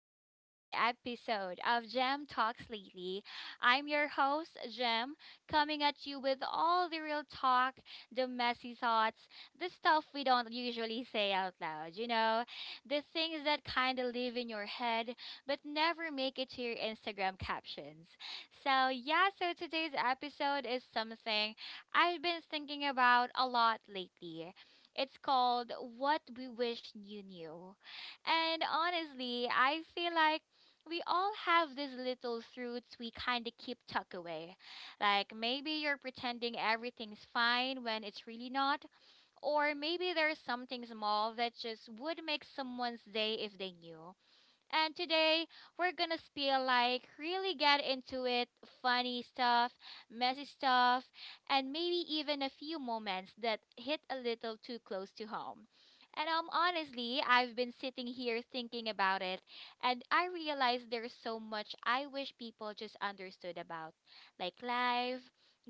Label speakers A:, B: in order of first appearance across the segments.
A: to another episode of Gem Talks Lately. I'm your host, Gem, coming at you with all the real talk, the messy thoughts, the stuff we don't usually say out loud, you know, the things that kind of live in your head but never make it to your Instagram captions. So today's episode is something I've been thinking about a lot lately, it's called What We Wish You Knew. And honestly, I feel like we all have these little truths we kind of keep tucked away. Like maybe you're pretending everything's fine when it's really not, or maybe there's something small that just would make someone's day if they knew. And today we're gonna spill, like really get into it, funny stuff, messy stuff, and maybe even a few moments that hit a little too close to home. And honestly, I've been sitting here thinking about it, and I realize there's so much I wish people just understood about, like life,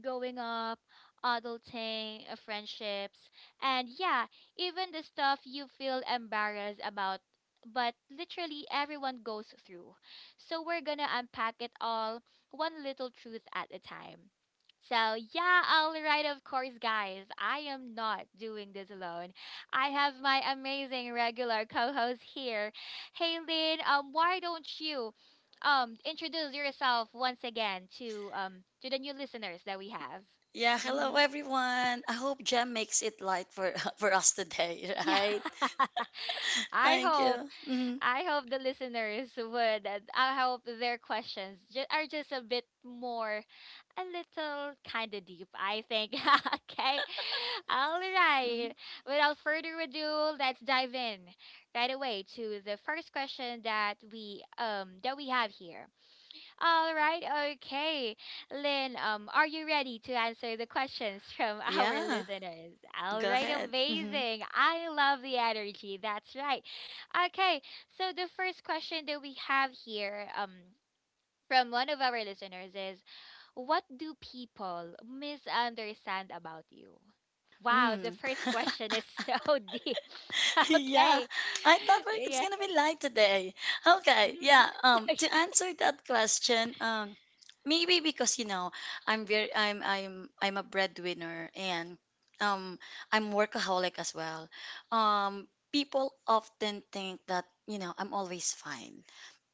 A: growing up, adulting, friendships, and yeah, even the stuff you feel embarrassed about but literally everyone goes through. So we're gonna unpack it all, one little truth at a time. So, yeah, all right, of course, guys. I am not doing this alone. I have my amazing regular co host here. Hey, Lynn, why don't you introduce yourself once again to the new listeners that we have?
B: Yeah, hello
A: Mm-hmm.
B: everyone. I hope Jem makes it light for for us today,
A: Yeah.
B: right?
A: I
B: Thank
A: hope
B: you. Hmm
A: I hope the listeners would. And I hope their questions are just a bit more, a little kind of deep, I think. Okay. All right.
B: hmm
A: Without further ado, let's dive in right away to the first question that we have here. All right, okay. Lynn, are you ready to answer the questions from our
B: Yeah,
A: listeners? All
B: go
A: right,
B: ahead. Hmm
A: amazing. I love the energy. That's right. Okay, so the first question that we have here, from one of our listeners is, what do people misunderstand about you? Wow, the
B: Mm.
A: first question is so deep.
B: Yeah,
A: Okay.
B: I thought it's
A: Yeah.
B: gonna be light today. Okay,
A: Mhm.
B: yeah. To answer that question, maybe because I'm a breadwinner and um I'm workaholic as well. People often think that I'm always fine,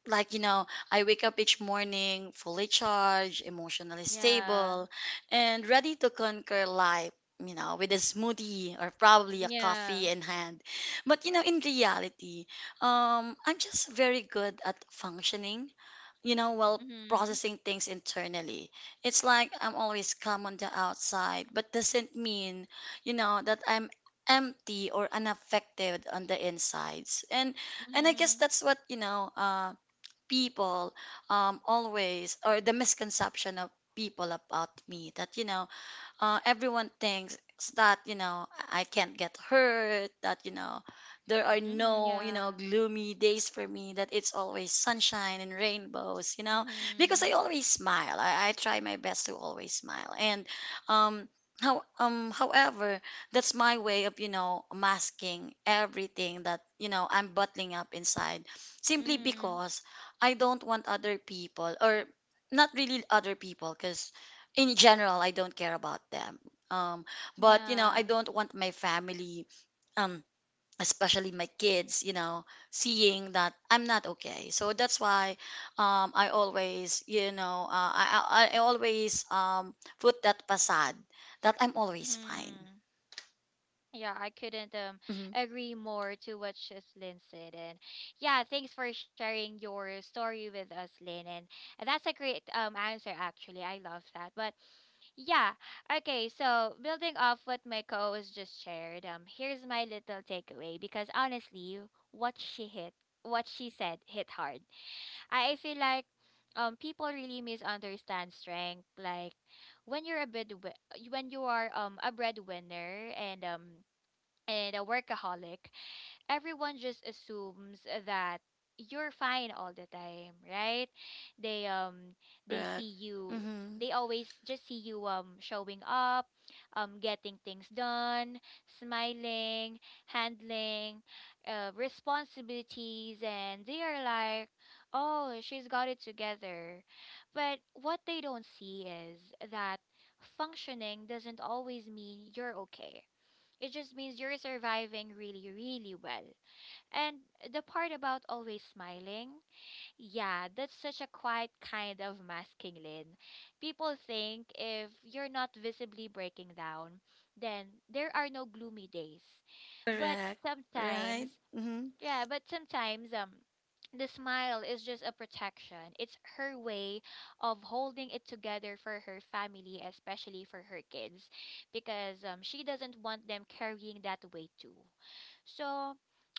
B: like I wake up each morning fully charged, emotionally
A: Yeah.
B: stable, and ready to conquer life with a smoothie or probably a
A: Yeah.
B: coffee in hand, but in reality, I'm just very good at functioning while
A: Mm-hmm.
B: processing things internally. It's like I'm always calm on the outside, but doesn't mean that I'm empty or unaffected on the insides. And and i guess
A: Mhm.
B: that's what you know uh people always, or the misconception of people about me, that everyone thinks that I can't get hurt, that there are
A: Mhm.
B: no
A: Yeah.
B: gloomy days for me, that it's always sunshine and rainbows, because I
A: Mhm.
B: always smile. I try my best to always smile, and um. however, that's my way of, masking everything that, I'm bottling up inside, simply
A: Mhm.
B: because I don't want other people, or not really other people because in general, I don't care about them. Um, but I
A: Yeah.
B: don't want my family, um, especially my kids, seeing that I'm not okay. So that's why, I always, I always put that facade that I'm always fine.
A: Mhm. Yeah, I couldn't
B: Mm-hmm.
A: agree more to what Shislin said. And yeah, thanks for sharing your story with us, Lynn. And that's a great answer actually. I love that. But yeah, okay, so building off what my co was just shared, here's my little takeaway because honestly, what she hit what she said hit hard. I feel like people really misunderstand strength. Like when you're a bread when you are a breadwinner and a workaholic, everyone just assumes that you're fine all the time, right? They um they
B: Correct.
A: see you,
B: Mm-hmm.
A: they always just see you showing up, getting things done, smiling, handling responsibilities, and they are like, "Oh, she's got it together." But what they don't see is that functioning doesn't always mean you're okay. It just means you're surviving really, really well. And the part about always smiling, yeah, that's such a quiet kind of masking, Lin. People think if you're not visibly breaking down, then there are no gloomy days. But
B: Correct. Right.
A: sometimes
B: Mm-hmm.
A: yeah, but sometimes the smile is just a protection. It's her way of holding it together for her family, especially for her kids, because she doesn't want them carrying that weight too. So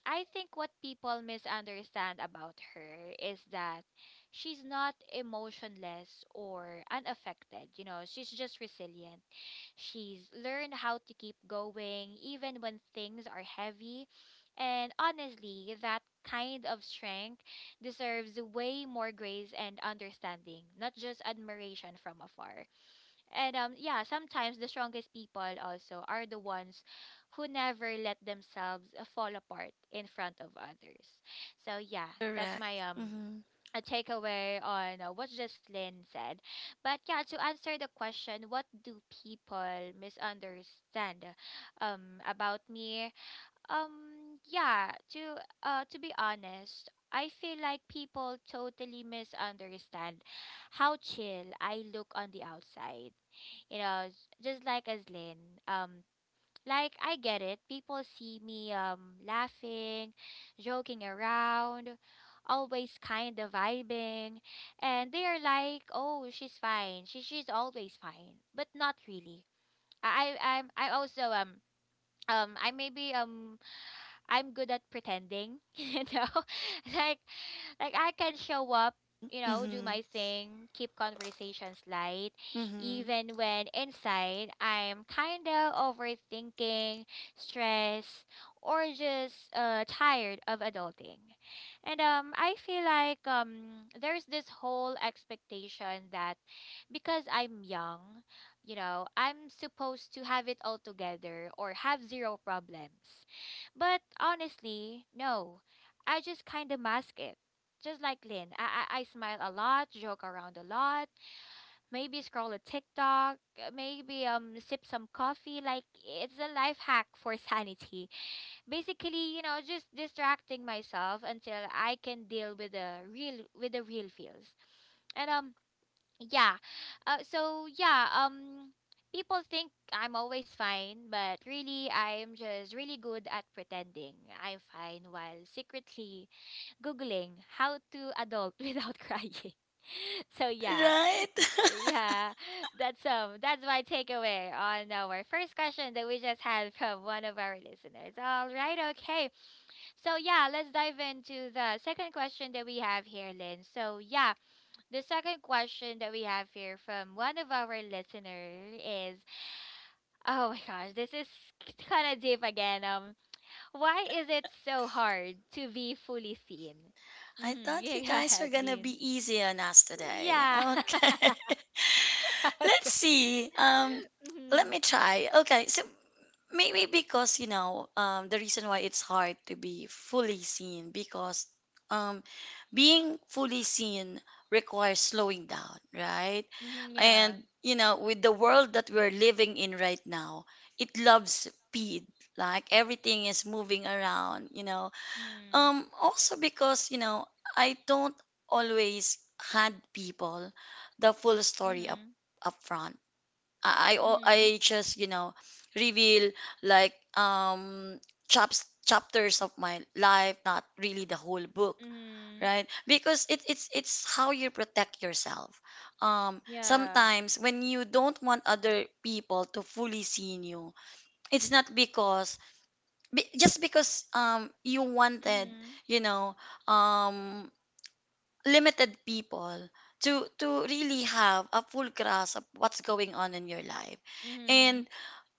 A: I think what people misunderstand about her is that she's not emotionless or unaffected. You know, she's just resilient. She's learned how to keep going even when things are heavy, and honestly, that kind of strength deserves way more grace and understanding, not just admiration from afar. And yeah, sometimes the strongest people also are the ones who never let themselves fall apart in front of others. So yeah, that's
B: Correct.
A: my
B: Mm-hmm.
A: a takeaway on what Jocelyn said. But yeah, to answer the question, what do people misunderstand about me? Yeah, to be honest, I feel like people totally misunderstand how chill I look on the outside. You know, just like as Lynn. Like I get it. People see me laughing, joking around, always kind of vibing, and they are like, "Oh, she's fine. She's always fine." But not really. I I'm I also I maybe I'm good at pretending, you know? Like like I can show up, you know, do
B: Mm-hmm.
A: my thing, keep conversations light,
B: Mm-hmm.
A: even when inside I'm kinda overthinking, stressed, or just tired of adulting. And I feel like there's this whole expectation that because I'm young, you know, I'm supposed to have it all together or have zero problems. But honestly, no. I just kind of mask it. Just like Lynn, I smile a lot, joke around a lot, maybe scroll a TikTok, maybe sip some coffee. Like it's a life hack for sanity. Basically, you know, just distracting myself until I can deal with the real feels. And yeah. So yeah, people think I'm always fine, but really I'm just really good at pretending I'm fine while secretly googling how to adult without crying. So yeah.
B: Right.
A: Yeah. That's that's my takeaway on our first question that we just had from one of our listeners. All right, okay. So yeah, let's dive into the second question that we have here, Lynn. So yeah, the second question that we have here from one of our listener is, oh my gosh, this is kind of deep again. Why is it so hard to be fully seen?
B: I
A: Mm-hmm.
B: thought
A: Yeah,
B: you
A: go
B: guys are
A: ahead,
B: gonna
A: Lynn.
B: be easy on us today.
A: Yeah.
B: Okay, let's
A: Okay.
B: see. Let
A: Mhm.
B: me try. Okay, so maybe because the reason why it's hard to be fully seen, because um, being fully seen requires slowing down, right?
A: Mhm, yeah.
B: And with the world that we're living in right now, it loves speed. Like everything is moving around.
A: Mhm.
B: Also, because, I don't always hand people the full story up
A: Mhm.
B: up front. I I, al-
A: Mhm.
B: I just, reveal, like chaps chapters of my life, not really the whole book,
A: Mhm.
B: right? Because it's how you protect yourself.
A: Yeah.
B: Sometimes when you don't want other people to fully see you, it's not just because you wanted
A: Mhm.
B: you know um limited people to really have a full grasp of what's going on in your life,
A: Mhm.
B: and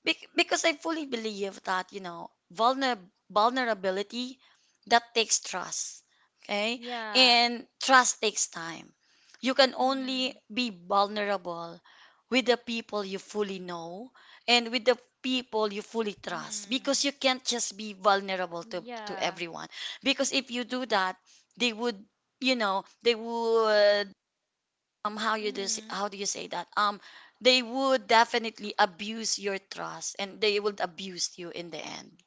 B: Because I fully believe that, vulnerability that takes trust. Okay?
A: Yeah.
B: And trust takes time. You can only
A: Mhm.
B: be vulnerable with the people you fully know and with the people you fully trust,
A: Mhm.
B: because you can't just be vulnerable to
A: Yeah.
B: everyone. Because if you do that, they would, you know, they would how
A: Mhm.
B: how do you say that, they would definitely abuse your trust, and they would abuse you in the end.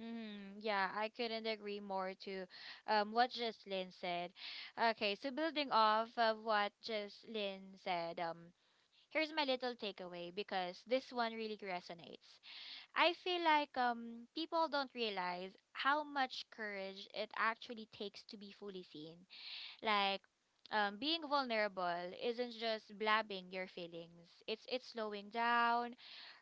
A: Mm, yeah, I couldn't agree more to what Jocelyn said. Okay, so building off of what Jocelyn said, here's my little takeaway because this one really resonates. I feel like people don't realize how much courage it actually takes to be fully seen. Like, being vulnerable isn't just blabbing your feelings. It's slowing down,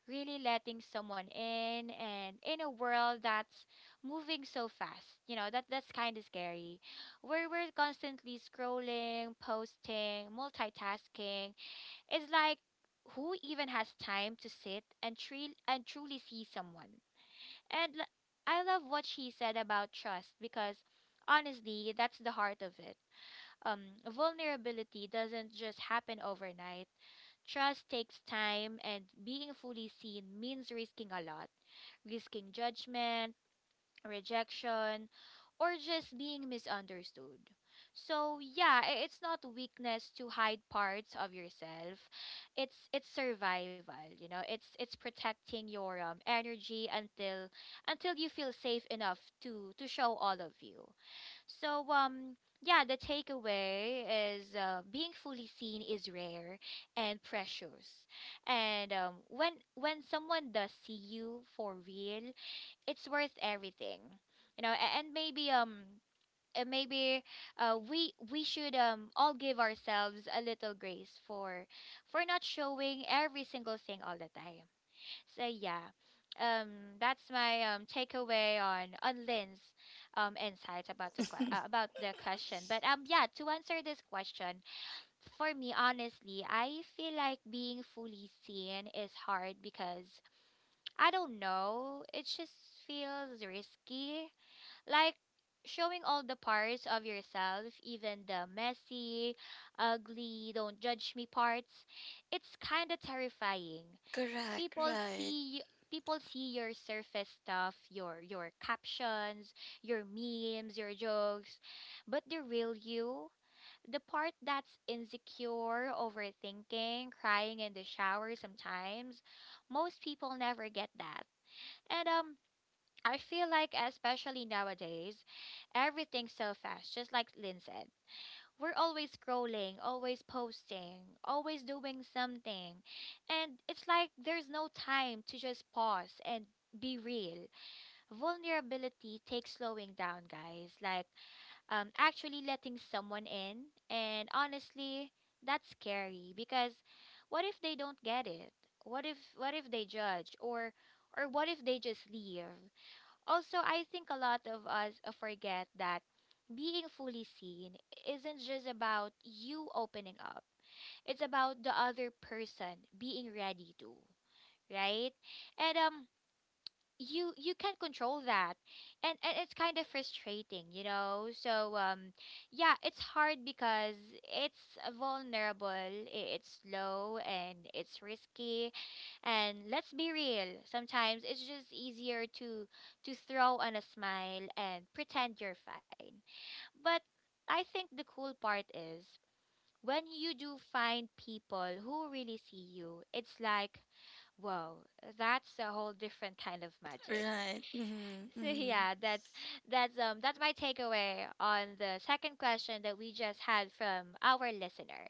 A: really letting someone in, and in a world that's moving so fast, you know, that's kind of scary, where we're constantly scrolling, posting, multitasking, it's like who even has time to sit and and truly see someone and I love what she said about trust, because honestly that's the heart of it. um vulnerability doesn't just happen overnight. Trust takes time, and being fully seen means risking a lot, risking judgment, rejection, or just being misunderstood. So, yeah, it's not weakness to hide parts of yourself. It's survival, you know. It's protecting your energy until you feel safe enough to show all of you. So yeah, the takeaway is being fully seen is rare and precious. And when someone does see you for real, it's worth everything. You know, and maybe maybe we should all give ourselves a little grace for not showing every single thing all the time. So yeah, that's my takeaway on Lynn's insights about the about the question. But yeah, to answer this question, for me, honestly, I feel like being fully seen is hard because I don't know. It just feels risky, like showing all the parts of yourself, even the messy, ugly, don't judge me parts. It's kind of terrifying.
B: Correct.
A: people
B: Right,
A: people see your surface stuff, your captions, your memes, your jokes, but the real you, the part that's insecure, overthinking, crying in the shower sometimes, most people never get that. And I feel like especially nowadays, everything's so fast, just like Lynn said. We're always scrolling, always posting, always doing something. And it's like there's no time to just pause and be real. Vulnerability takes slowing down, guys. Like actually letting someone in. And honestly, that's scary because what if they don't get it? What if they judge, or what if they just leave? Also, I think a lot of us forget that being fully seen isn't just about you opening up. It's about the other person being ready to, right? And you, you can control that. And it's kind of frustrating, you know? So yeah, it's hard because it's vulnerable, it's slow and it's risky, and let's be real, sometimes it's just easier to throw on a smile and pretend you're fine. But I think the cool part is when you do find people who really see you, it's like, whoa, that's a whole different kind of magic.
B: right. Mm-hmm,
A: So
B: mm-hmm.
A: yeah, that's that's my takeaway on the second question that we just had from our listener.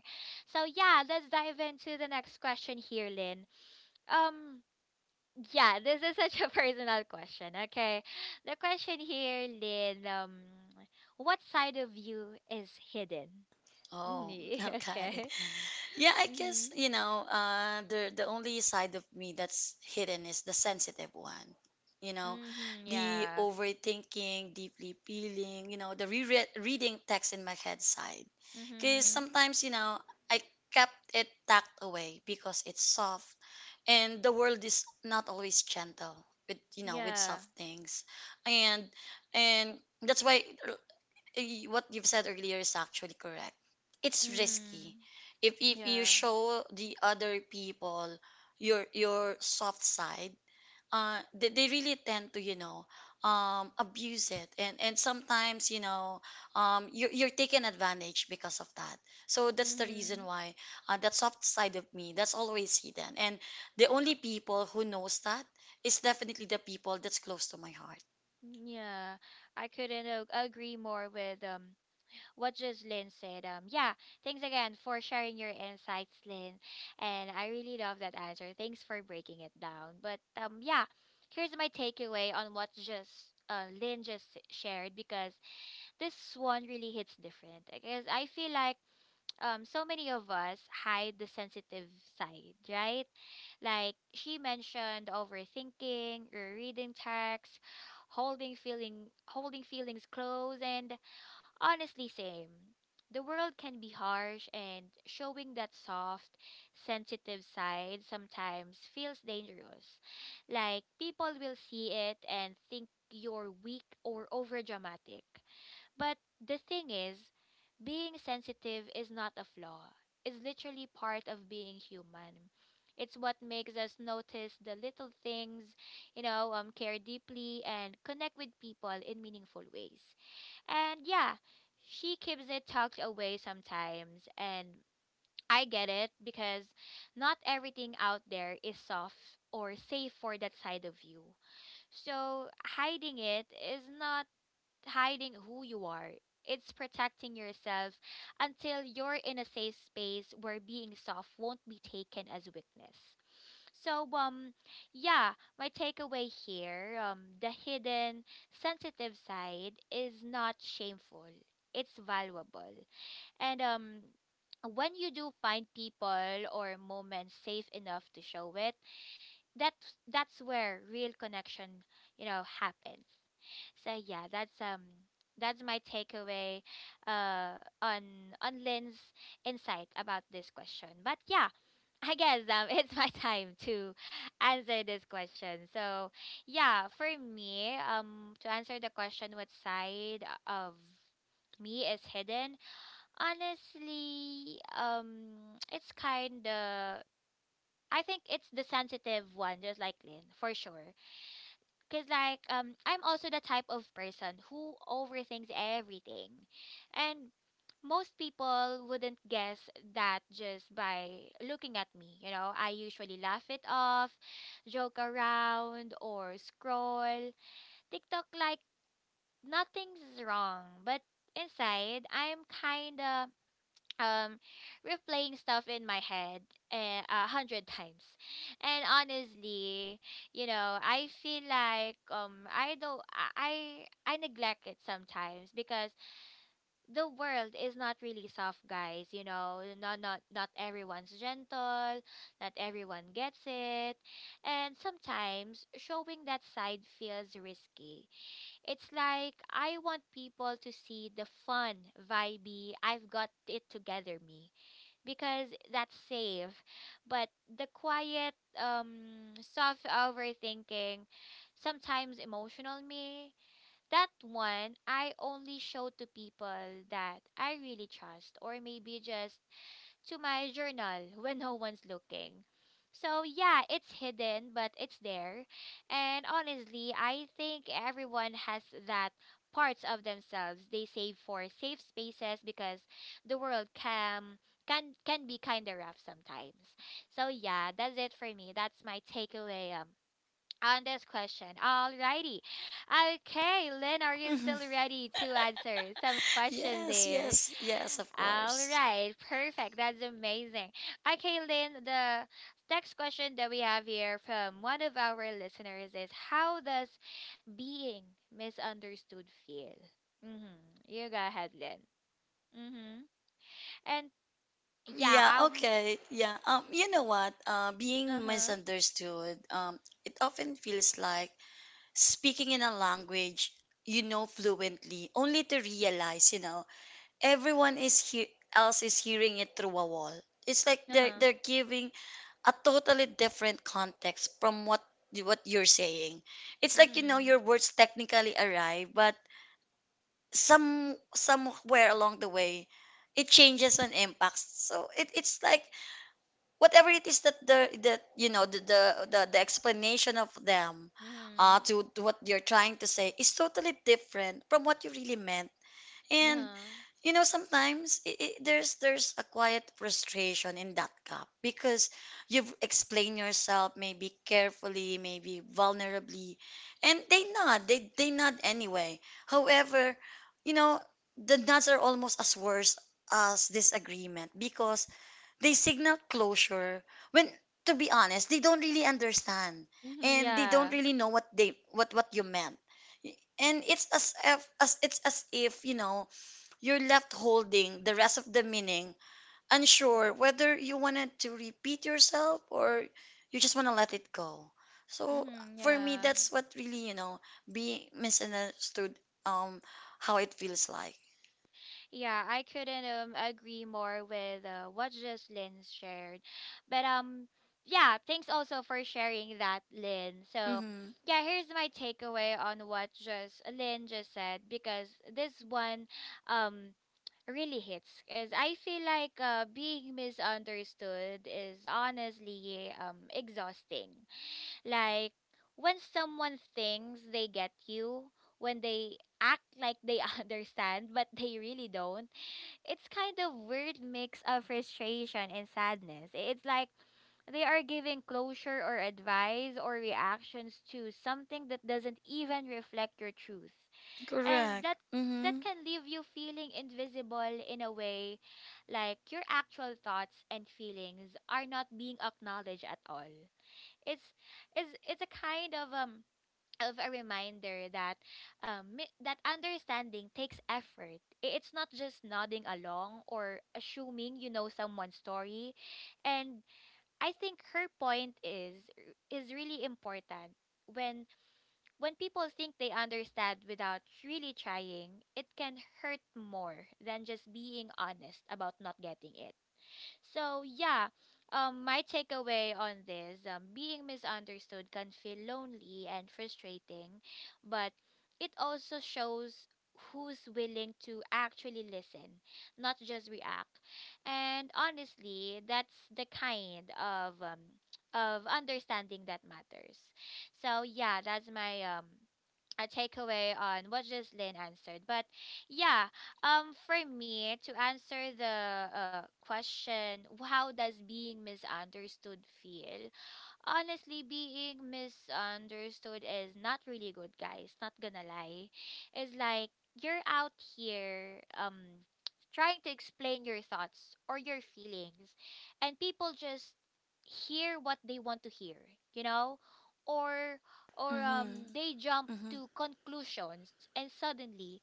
A: So yeah, let's dive into the next question here, Lynn. Um yeah, this is such a personal question. Okay. The question here, Lynn, what side of you is hidden?
B: Oh,
A: Mhm,
B: okay.
A: okay.
B: Yeah, I guess,
A: Mm-hmm.
B: the only side of me that's hidden is the sensitive one. You know,
A: Mm-hmm.
B: the
A: Yeah.
B: overthinking, deeply feeling, the re reading text in my head side. Because
A: Mm-hmm.
B: sometimes, I kept it tucked away because it's soft, and the world is not always gentle with
A: Yeah.
B: soft things. And and that's why what you've said earlier is actually correct. It's risky.
A: Mm.
B: If you
A: Yeah.
B: show the other people your soft side, they really tend to abuse it, and sometimes you're taken advantage because of that. So that's the
A: Mm-hmm.
B: reason why that soft side of me that's always hidden, and the only people who knows that is definitely the people that's close to my heart.
A: Yeah. I couldn't agree more with what just Lynn said. Yeah, thanks again for sharing your insights, Lynn. And I really love that answer. Thanks for breaking it down. But yeah, here's my takeaway on what just Lynn just shared because this one really hits different. Because I feel like so many of us hide the sensitive side, right? Like she mentioned, overthinking, reading text, holding feeling, holding feelings close, and honestly, same. The world can be harsh, and showing that soft, sensitive side sometimes feels dangerous. Like, people will see it and think you're weak or overdramatic. But the thing is, being sensitive is not a flaw, it's literally part of being human. It's what makes us notice the little things, you know, care deeply and connect with people in meaningful ways. And yeah, she keeps it tucked away sometimes. And I get it because not everything out there is soft or safe for that side of you. So hiding it is not hiding who you are. It's protecting yourself until you're in a safe space where being soft won't be taken as weakness. So yeah, my takeaway here, the hidden sensitive side is not shameful. It's valuable. And when you do find people or moments safe enough to show it, that's where real connection you know happens. So yeah, that's my takeaway on Lynn's insight about this question. But yeah, I guess it's my time to answer this question. So yeah, for me, to answer the question, what side of me is hidden, honestly, it's kind of, I think it's the sensitive one, just like Lynn, for sure. Cause like I'm also the type of person who overthinks everything, and most people wouldn't guess that just by looking at me. You know, I usually laugh it off, joke around, or scroll TikTok like nothing's wrong, but inside I'm kinda um replaying stuff in my head 100 times. And honestly, you know, I feel like I don't I neglect it sometimes because the world is not really soft, guys, you know, not everyone's gentle, not everyone gets it. And sometimes showing that side feels risky. It's like I want people to see the fun, vibey, I've got it together me, because that's safe. But the quiet, soft, overthinking, sometimes emotional me, that one I only show to people that I really trust, or maybe just to my journal when no one's looking. So yeah, it's hidden, but it's there. And honestly, I think everyone has that parts of themselves they save for safe spaces because the world can be kind of rough sometimes. So yeah, that's it for me. That's my takeaway on this question. Alrighty. Okay, Lynn, are you still ready to answer some questions
B: Yes,
A: there?
B: yes, yes, of
A: All
B: course.
A: right, perfect. That's amazing. Okay, Lynn, the next question that we have here from one of our listeners is, how does being misunderstood feel? Mm-hmm. You go ahead, Lynn. Mm-hmm. And yeah,
B: Yeah, okay. Yeah. You know what?
A: uh
B: Being
A: huh,
B: misunderstood, it often feels like speaking in a language fluently, only to realize, everyone is here else is hearing it through a wall. It's like
A: uh
B: they're
A: huh,
B: they're giving a totally different context from what you're saying. It's
A: mm
B: like,
A: hmm,
B: your words technically arrive, but somewhere along the way, it changes and impacts. So it's like, whatever it is that the that you know the explanation of them
A: mm hmm,
B: to what you're trying to say is totally different from what you really meant.
A: uh
B: And
A: huh,
B: sometimes I there's a quiet frustration in that gap, because you've explained yourself, maybe carefully, maybe vulnerably, and they nod, they nod anyway. However, you know the nods are almost as worse as disagreement, because they signal closure when, to be honest, they don't really understand,
A: mm hmm,
B: and they don't
A: yeah.
B: really know what you meant. And it's as if you're left holding the rest of the meaning, unsure whether you wanted to repeat yourself or you just want to let it go. So
A: Mm-hmm,
B: for me,
A: yeah.
B: that's what really, being misunderstood, um how it feels like.
A: Yeah, I couldn't agree more with what Jocelyn shared. But yeah, thanks also for sharing that, Lynn. So
B: Mm-hmm.
A: yeah, here's my takeaway on what just Lynn just said because this one um really hits because I feel like being misunderstood is honestly exhausting. Like when someone thinks they get you, when they act like they understand but they really don't, it's kind of weird mix of frustration and sadness. It's like they are giving closure or advice or reactions to something that doesn't even reflect your truth. And
B: Correct.
A: that
B: Mm-hmm.
A: can leave you feeling invisible in a way, like your actual thoughts and feelings are not being acknowledged at all. It's it's a kind of a reminder that that understanding takes effort. It's not just nodding along or assuming you know someone's story. And I think her point is really important. When when people think they understand without really trying, it can hurt more than just being honest about not getting it. So yeah, my takeaway on this, being misunderstood can feel lonely and frustrating, but it also shows who's willing to actually listen, not just react. And honestly, that's the kind of understanding that matters. So yeah, that's my a takeaway on what Jocelyn answered. But yeah, for me to answer the question, how does being misunderstood feel? Honestly, being misunderstood is not really good, guys. Not gonna lie. It's like you're out here trying to explain your thoughts or your feelings, and people just hear what they want to hear, you know? Or
B: Mm-hmm.
A: they jump
B: Mm-hmm.
A: to conclusions, and suddenly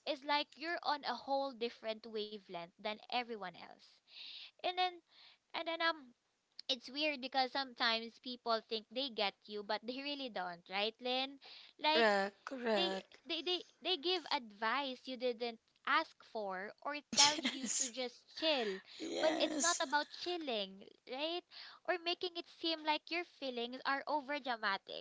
A: it's like you're on a whole different wavelength than everyone else. And then and then it's weird because sometimes people think they get you but they really don't, right, Lynn? Like
B: Correct,
A: they
B: correct.
A: they give advice you didn't ask for, or tell you to
B: Yes,
A: just chill when it's not
B: yes,
A: about chilling, right? Or making it seem like your feelings are over dramatic.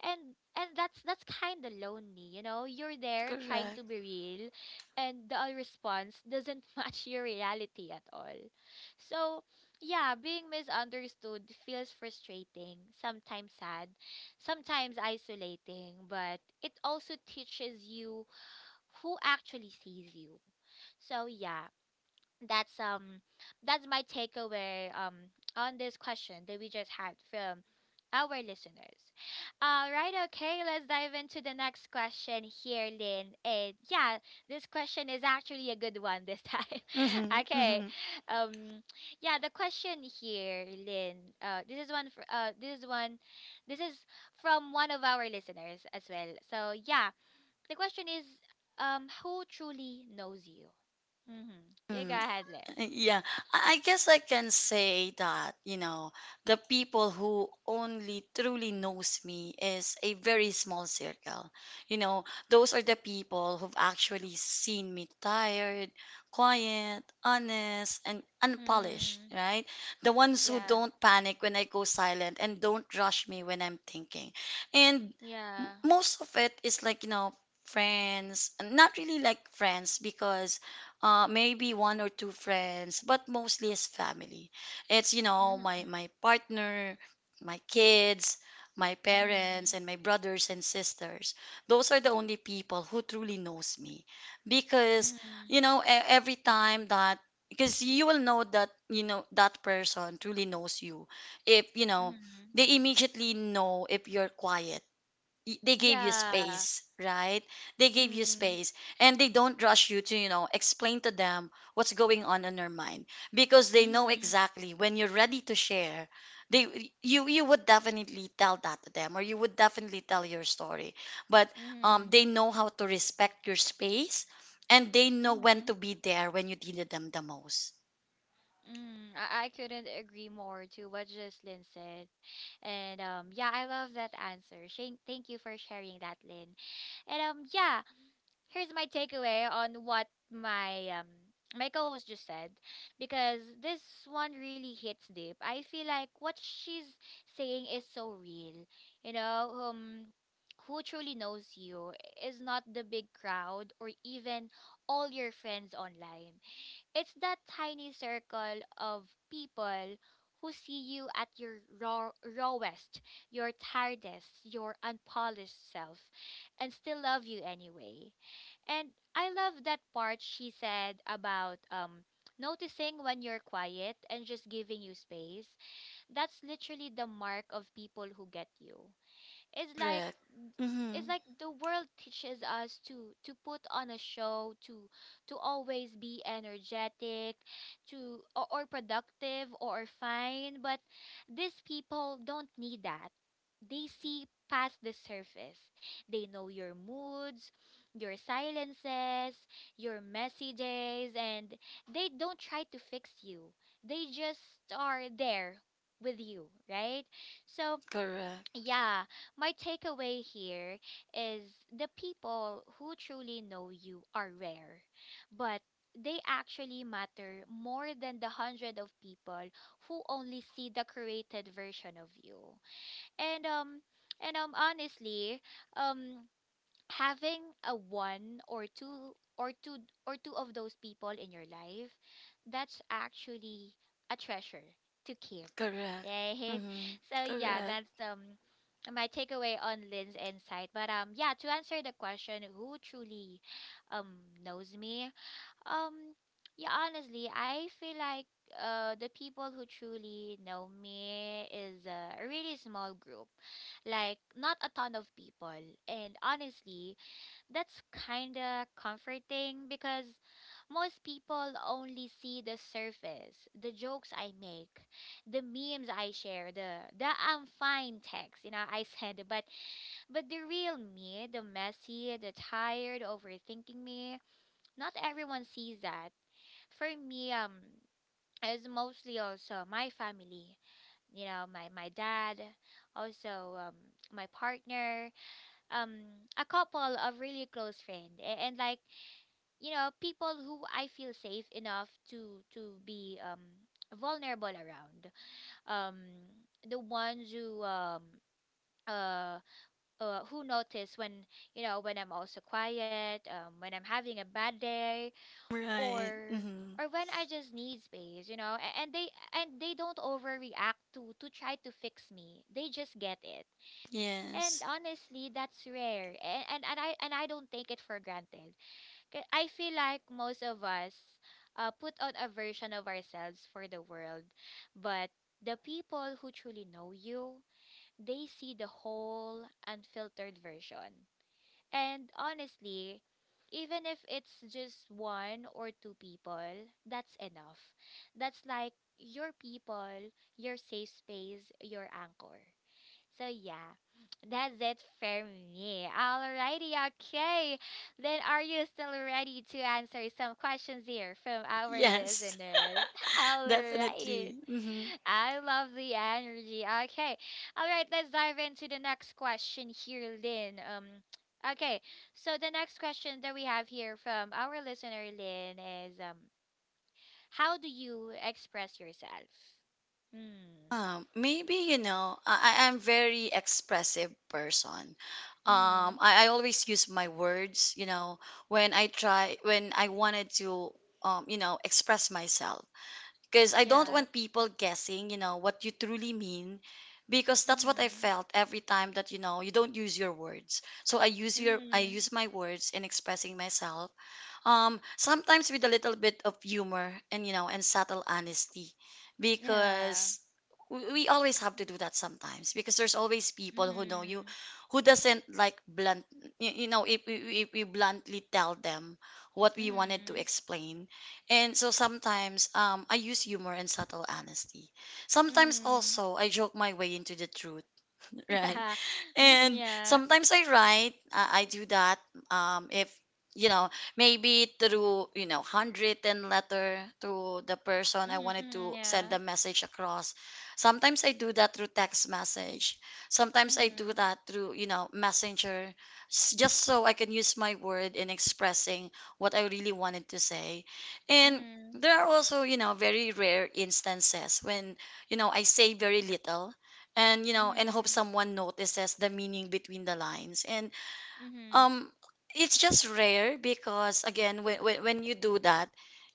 A: And that's kind of lonely, you know? You're there trying to
B: correct.
A: be real, and the response doesn't match your reality at all. So yeah, being misunderstood feels frustrating, sometimes sad, sometimes isolating, but it also teaches you who actually sees you. So yeah, that's um that's my takeaway on this question that we just had from our listeners. All right, okay, let's dive into the next question here, Lynn. And yeah, this question is actually a good one this time.
B: Mm-hmm,
A: Okay,
B: mm-hmm.
A: um, yeah, the question here, Lynn. This is one. This is from one of our listeners as well. So yeah, the question is, who truly knows you? Mm-hmm. You go ahead, Lynn.
B: Yeah, I guess I can say that, the people who only truly knows me is a very small circle. You know, those are the people who've actually seen me tired, quiet, honest, and unpolished,
A: Hmm.
B: right? The ones who
A: Yeah.
B: don't panic when I go silent and don't rush me when I'm thinking. And
A: Yeah.
B: most of it is like, friends, not really like friends, because maybe one or two friends, but mostly is family. It's,
A: Mm-hmm.
B: my partner, my kids, my
A: Mm-hmm.
B: parents, and my brothers and sisters. Those are the only people who truly knows me. Because,
A: Mm-hmm.
B: every time that, because you will know that, that person truly knows you. If,
A: Mm-hmm.
B: they immediately know if you're quiet, they gave you
A: Yeah.
B: space, right? They gave you
A: Mm-hmm.
B: space, and they don't rush you to, explain to them what's going on in your mind, because they know
A: Mm-hmm.
B: exactly when you're ready to share. They You would definitely tell that to them, or you would definitely tell your story. But they
A: Mm-hmm.
B: know how to respect your space, and they know when to
A: Mm-hmm.
B: be there when you needed them the most.
A: Mm, I couldn't agree more to what Jocelyn said. And yeah, I love that answer. Thank you for sharing that, Lynn. And yeah, here's my takeaway on what my my co-host just said because this one really hits deep. I feel like what she's saying is so real. You know, who truly knows you is not the big crowd or even all your friends online. It's that tiny circle of people who see you at your rawest, your tiredest, your unpolished self, and still love you anyway. And I love that part she said about noticing when you're quiet and just giving you space. That's literally the mark of people who get you. It's like
B: Correct.
A: it's
B: Mhm.
A: like the world teaches us to put on a show, to always be energetic, to or productive or fine, but these people don't need that. They see past the surface, they know your moods, your silences, your messy days, and they don't try to fix you, they just are there with you, right? So
B: Correct.
A: yeah, my takeaway here is the people who truly know you are rare, but they actually matter more than the hundred of people who only see the created version of you. And um and honestly, um having a one or two or two of those people in your life, that's actually a treasure to keep.
B: Correct.
A: Right?
B: Mhm.
A: So yeah,
B: Correct.
A: that's my takeaway on Lynn's insight. But yeah, to answer the question, who truly um knows me, um yeah, honestly I feel like the people who truly know me is a really small group, like not a ton of people. And honestly, that's kind of comforting because most people only see the surface, the jokes I make, the memes I share, the I'm fine text, you know, I send. But the real me, the messy, the tired, overthinking me, not everyone sees that. For me, it's mostly also my family, you know, my dad, also my partner. um a couple of really close friend, and like, you know, people who I feel safe enough to be vulnerable around. um the ones uh, who notice when, you know, when I'm also quiet, when I'm having a bad day,
B: Right.
A: or
B: Mhm.
A: or when I just need space, you know. And they, and they don't overreact to try to fix me. They just get it. And
B: Yes.
A: honestly, that's rare, and I don't take it for granted. I feel like most of us, put on a version of ourselves for the world, but the people who truly know you, they see the whole unfiltered version. And honestly, even if it's just one or two people, that's enough. That's like your people, your safe space, your anchor. So yeah, that's it for me. Alrighty, okay. Then are you still ready to answer some questions here from our
B: Yes,
A: listeners? Alright.
B: definitely. Hmm
A: I love the energy. Okay. Alright, let's dive into the next question here, Lynn. Okay. So the next question that we have here from our listener Lynn is, how do you express yourself? Hmm.
B: Maybe I'm very expressive person. Um,
A: Mm-hmm.
B: I, I always use my words. When I try, when I wanted to, express myself, because I don't
A: Yeah.
B: want people guessing what you truly mean, because that's what I
A: Mm-hmm.
B: felt every time that you don't use your words. So I
A: Mm-hmm.
B: use my words in expressing myself, sometimes with a little bit of humor and you know and subtle honesty,
A: Yeah.
B: because we always have to do that sometimes, because there's always people who know you
A: Mhm.
B: who doesn't like blunt. You know, if, if we bluntly tell them what we wanted to
A: Mhm.
B: explain, and so sometimes, I use humor and subtle honesty. Sometimes
A: Mm.
B: also, I joke my way into the truth. Right.
A: Yeah.
B: And
A: Mhm.
B: sometimes I write, I do that, if you know maybe through handwritten letter to the person I wanted to send
A: Yeah.
B: the message across. Sometimes I do that through text message, sometimes I do
A: Mhm.
B: that through messenger, just so I can use my word in expressing what I really wanted to say. And
A: Mhm.
B: there are also very rare instances when I say very little and you know and
A: Yeah.
B: hope someone notices the meaning between the lines. And
A: Mhm. Mhm. Mhm. Mhm.
B: um it's just rare, because again, when, when you do that,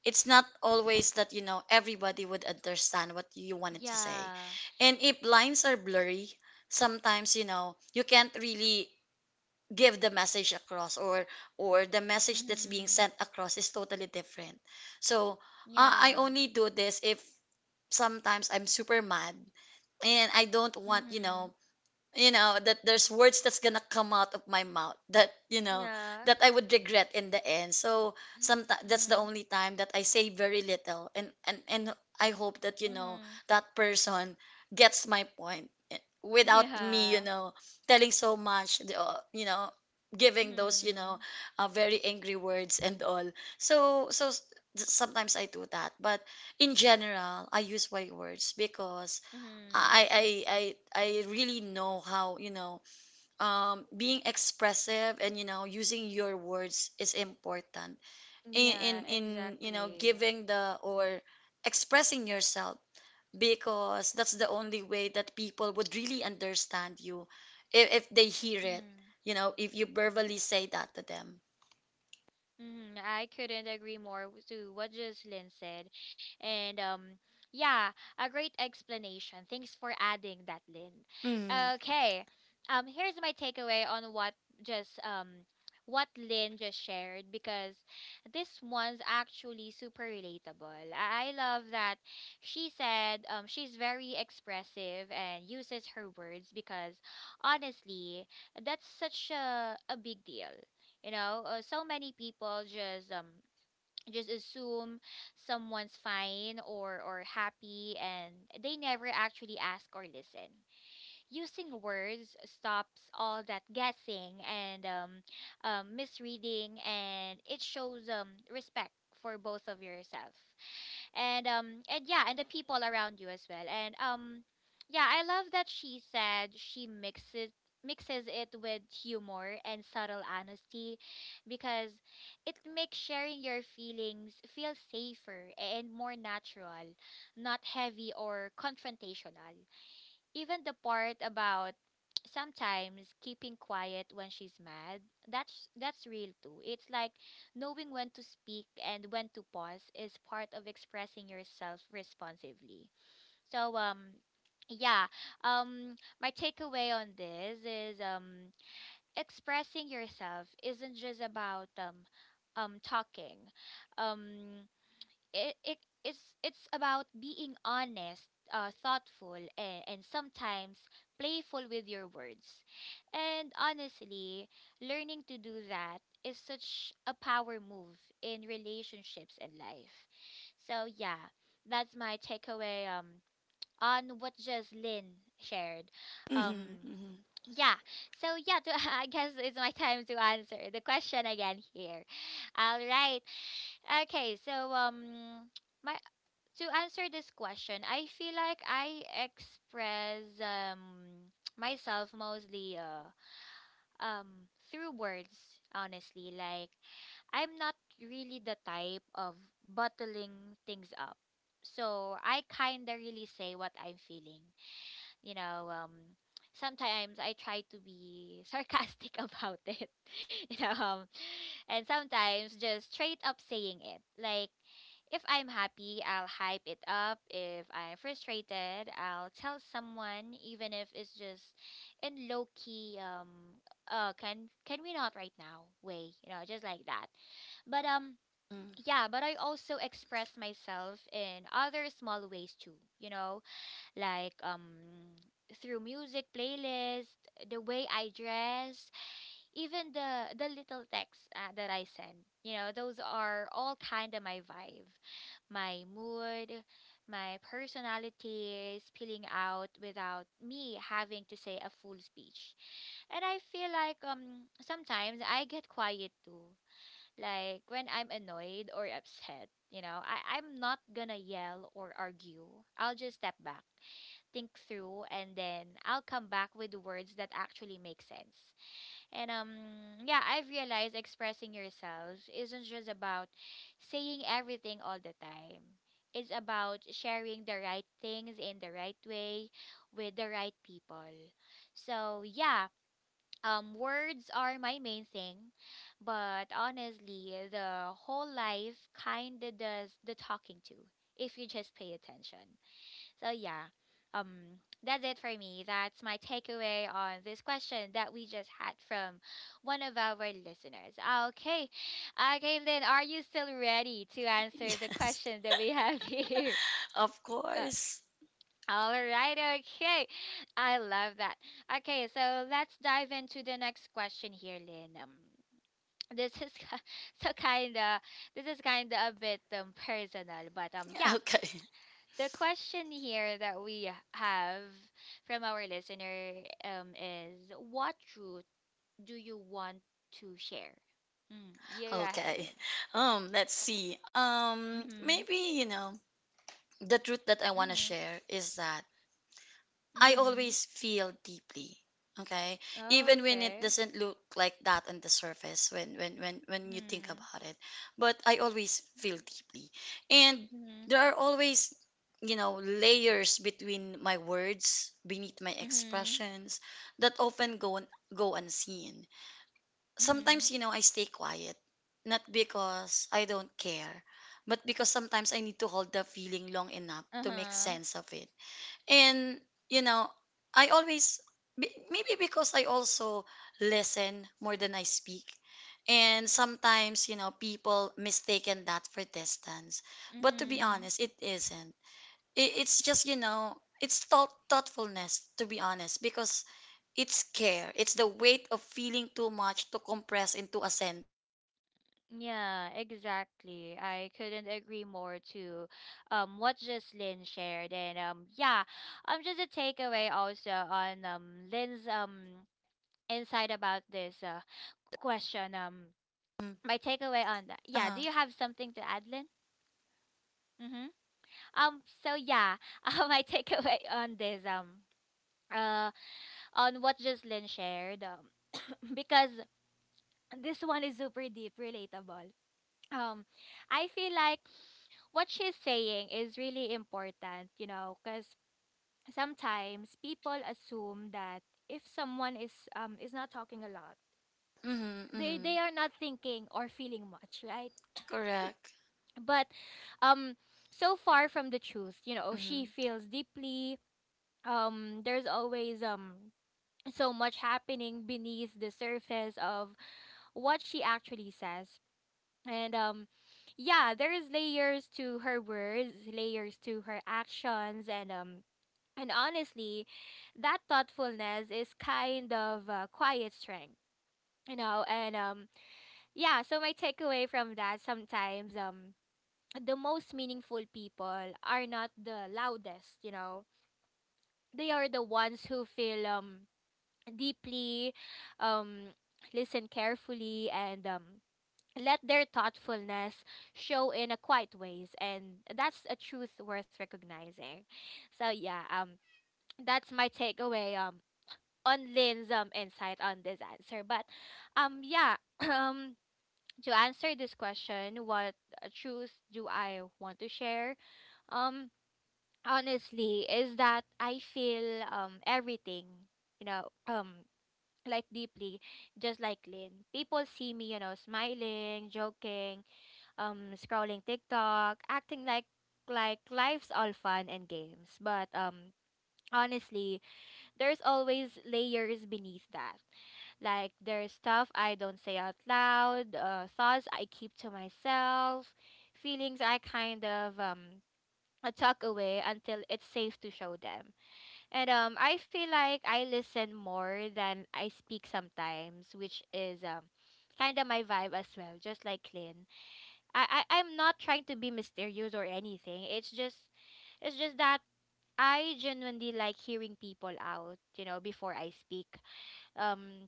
B: it's not always that everybody would understand what you wanted to say.
A: Yeah.
B: And if lines are blurry, sometimes you can't really give the message across, or the message that's being
A: Mhm.
B: sent across is totally different. So I
A: Yeah.
B: only do this if sometimes I'm super mad, and I don't want,
A: Mhm.
B: that there's words that's gonna come out of my mouth that you know
A: Yeah.
B: that I would regret in the end. So sometimes that's
A: Mhm.
B: the only time that I say very little, and I hope that
A: Mhm.
B: that person gets my point, without me
A: Yeah.
B: telling so much, the, you know giving those
A: Mhm.
B: very angry words and all. so so s- Sometimes I do that, but in General, I use my words because I
A: Mhm.
B: I I I really know how, you know, being expressive and you know using your words is important in in,
A: Yeah.
B: in you know
A: Exactly.
B: giving the or expressing yourself, because that's the only way that people would really understand you if they hear it,
A: Mhm.
B: you know, if you verbally say that to them.
A: Mm, I couldn't agree more to what Jocelyn said. And Yeah, a great explanation. Thanks for adding that, Lynn.
B: Mm.
A: Okay. Here's my takeaway on what just what Lynn just shared, because this one's actually super relatable. I love that she said she's very expressive and uses her words because honestly, that's such a big deal. You know, so many people just assume someone's fine or happy, and they never actually ask or listen. Using words stops all that guessing and misreading, and it shows respect for both of yourself and yeah, and the people around you as well. And Yeah, I love that she said she mixes it with humor and subtle honesty, because it makes sharing your feelings feel safer and more natural, not heavy or confrontational. Even the part about sometimes keeping quiet when she's mad, that's real too. It's like, knowing when to speak and when to pause is part of expressing yourself responsively. So yeah, um my takeaway on this is, expressing yourself isn't just about talking. Um it, it it's about being honest, thoughtful, and sometimes playful with your words. And honestly, learning to do that is such a power move in relationships and life. So yeah, that's my takeaway on what just Lynn shared.
B: Mm-hmm,
A: um
B: mm-hmm,
A: yeah. So yeah, to, I guess it's my time to answer the question again here. All right okay, so my to answer this question, I feel like I express myself mostly through words, honestly. Like, I'm not really the type of bottling things up. So I kinda really say what I'm feeling, you know, sometimes I try to be sarcastic about it, you know, and sometimes just straight up saying it. Like, if I'm happy, I'll hype it up. If I'm frustrated, I'll tell someone, even if it's just in low key. Can we not right now? Way, you know, just like that. But
B: mm.
A: yeah, but I also express myself in other small ways too. You know, like through music playlist, the way I dress, even the little texts that I send. You know, those are all kind of my vibe, my mood, my personality is spilling out without me having to say a full speech. And I feel like sometimes I get quiet too. Like when I'm annoyed or upset, you know, I'm not gonna yell or argue. I'll just step back, think through, and then I'll come back with words that actually make sense. And Yeah, I've realized expressing yourselves isn't just about saying everything all the time. It's about sharing the right things in the right way with the right people. So yeah, words are my main thing, but honestly, the whole life kinda does the talking to, if you just pay attention. So yeah, um, that's it for me. That's my takeaway on this question that we just had from one of our listeners. Okay, okay, Lynn, are you still ready to answer the
B: Yes,
A: question that we have here?
B: of
A: Uh,
B: course.
A: all right, okay. I love that. Okay, so let's dive into the next question here, Lynn. This is so kind of, this is kind of a bit personal, but yeah,
B: Okay.
A: the question here that we have from our listener is what truth do you want to share? Mm, you go ahead then.
B: Okay. Let's see.
A: Mm-hmm.
B: Maybe, you know, the truth that I want to
A: Mm-hmm.
B: share is that I
A: Mm-hmm.
B: always feel deeply. Okay? Even when it
A: Okay.
B: doesn't look like that on the surface when you think
A: Mm-hmm.
B: about it. But I always feel deeply. And
A: Mm-hmm.
B: there are always, you know, layers between my words, beneath my
A: Mm-hmm.
B: expressions that often go unseen
A: Mm-hmm.
B: sometimes. You know, I stay quiet, not because I don't care, but because sometimes I need to hold the feeling long enough to make
A: Uh-huh.
B: sense of it. And you know, I always maybe because I also listen more than I speak. And sometimes, you know, people mistaken that for distance. But to be
A: Mm-hmm.
B: honest, it isn't. It's just you know it's thoughtfulness to be honest, because it's care. It's the weight of feeling too much to compress into a sentence.
A: Yeah, exactly. I couldn't agree more to what Jocelyn shared. And Yeah, just a takeaway also on Lynn's insight about this
B: Mm,
A: question. My
B: uh-huh.
A: takeaway on that. Yeah, do you have something to add, Lynn? Mm-hmm. So yeah, my takeaway on this. Uh. On what just Lynn shared. Because this one is super deep, relatable. Um. I feel like what she's saying is really important. You know, because sometimes people assume that if someone is not talking a lot,
B: Mm-hmm,
A: they
B: mm-hmm.
A: they are not thinking or feeling much, right?
B: Correct.
A: But um so far from the truth. You know, she
B: Mm-hmm.
A: feels deeply. There's always so much happening beneath the surface of what she actually says. And Yeah, there's layers to her words, layers to her actions. And honestly, that thoughtfulness is kind of quiet strength, you know. And Yeah. So my takeaway from that, sometimes the most meaningful people are not the loudest, you know. They are the ones who feel deeply, um listen carefully, and let their thoughtfulness show in a quiet ways, and that's a truth worth recognizing. So yeah, that's my takeaway on Lynn's insight on this answer. But yeah, um to answer this question, what truth do I want to share? Um honestly is that I feel everything, you know, like deeply, just like Lynn. People see me, you know, smiling, joking, scrolling TikTok, acting like life's all fun and games. But honestly, there's always layers beneath that. Like, there's stuff I don't say out loud, thoughts I keep to myself, feelings I kind of tuck away until it's safe to show them. And I feel like I listen more than I speak sometimes, which is kind of my vibe as well. Just like Lynn, I'm not trying to be mysterious or anything. It's just that I genuinely like hearing people out, you know, before I speak. Um,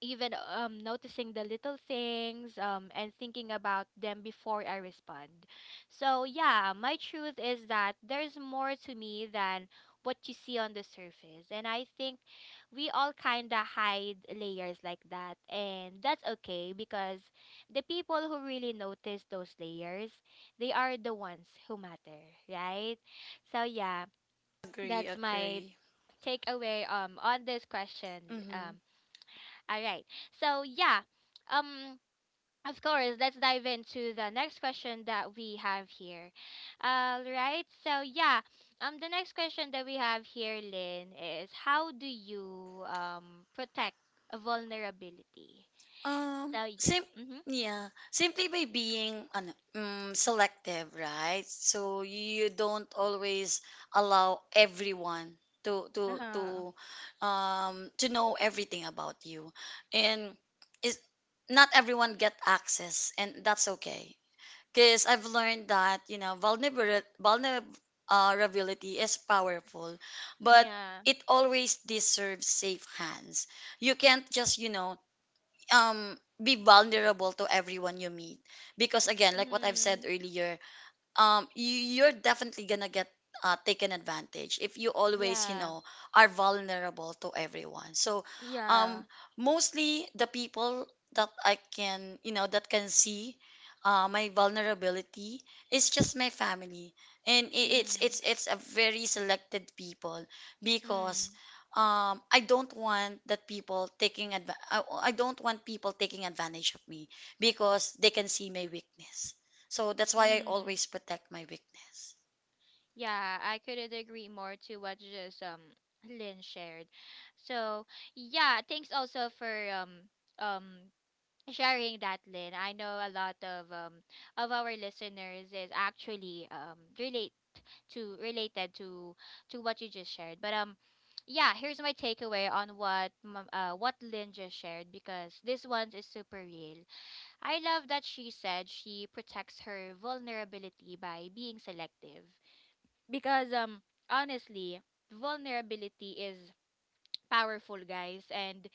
A: even noticing the little things and thinking about them before I respond. So yeah, my truth is that there's more to me than what you see on the surface. And I think we all kind of hide layers like that. And that's okay, because the people who really notice those layers, they are the ones who matter, right? So yeah,
B: Agree,
A: that's my
B: agree.
A: takeaway on this question. um,
B: Mm-hmm.
A: all right. So yeah, um, of course, let's dive into the next question that we have here. All right. So yeah, the next question that we have here, Lynn, is, how do you protect a vulnerability? So yeah.
B: Sim
A: Mhm.
B: Yeah, simply by being selective, right? So you don't always allow everyone to
A: Uh
B: to
A: huh.
B: to to know everything about you. And is not everyone get access, and that's okay. Because I've learned that, you know, vulnerability is powerful, but
A: Yeah.
B: it always deserves safe hands. You can't just, you know, be vulnerable to everyone you meet, because again like what I've said
A: Mhm.
B: earlier, you, you're definitely gonna get taken advantage if you always you
A: Yeah.
B: know are vulnerable to everyone. So
A: Yeah.
B: um mostly the people that I can you know that can see my vulnerability is just my family, and it's
A: Mhm.
B: it's it's a very selected people. Because
A: Mhm.
B: I don't want that people I don't want people taking advantage of me because they can see my weakness. So that's why I
A: Mhm.
B: always protect my weakness.
A: Yeah, I couldn't agree more to what just Lynn shared. So yeah, thanks also for um sharing that, Lynn. I know a lot of our listeners is actually related to what you just shared. But yeah, here's my takeaway on what what Lynn just shared, because this one is super real. I love that she said she protects her vulnerability by being selective, because honestly, vulnerability is powerful, guys, and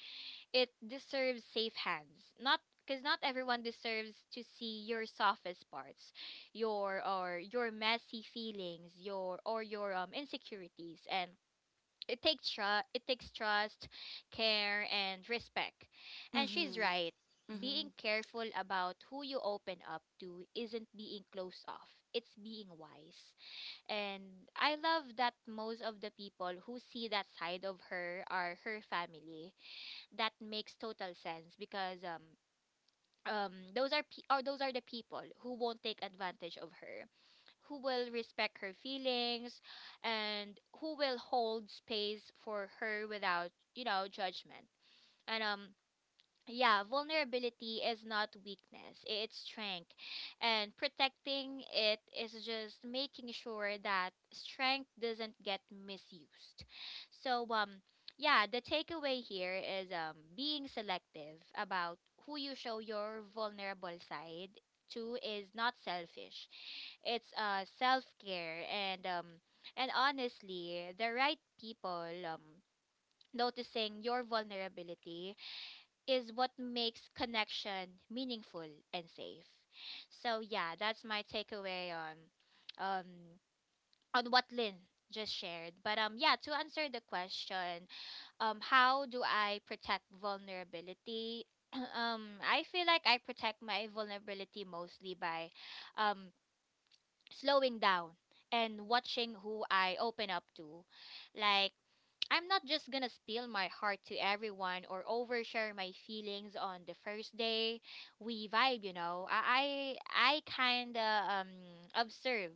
A: it deserves safe hands. Not because, not everyone deserves to see your softest parts, your messy feelings, your insecurities. And it takes trust, it takes trust, care and respect. And she's
B: Mm-hmm.
A: right,
B: Mm-hmm.
A: being careful about who you open up to isn't being closed off, it's being wise. And I love that most of the people who see that side of her are her family. That makes total sense, because those are pe- or those are the people who won't take advantage of her, who will respect her feelings and who will hold space for her without, you know, judgment. And Yeah, vulnerability is not weakness, it's strength. And protecting it is just making sure that strength doesn't get misused. So yeah, the takeaway here is, being selective about who you show your vulnerable side to is not selfish. It's self-care. And honestly, the right people noticing your vulnerability is what makes connection meaningful and safe. So yeah, that's my takeaway um on what Lynn just shared. To answer the question, how do I protect vulnerability? I feel like I protect my vulnerability mostly by um slowing down and watching who I open up to. Like I'm not just gonna spill my heart to everyone or overshare my feelings on the first day we vibe. I kinda observe,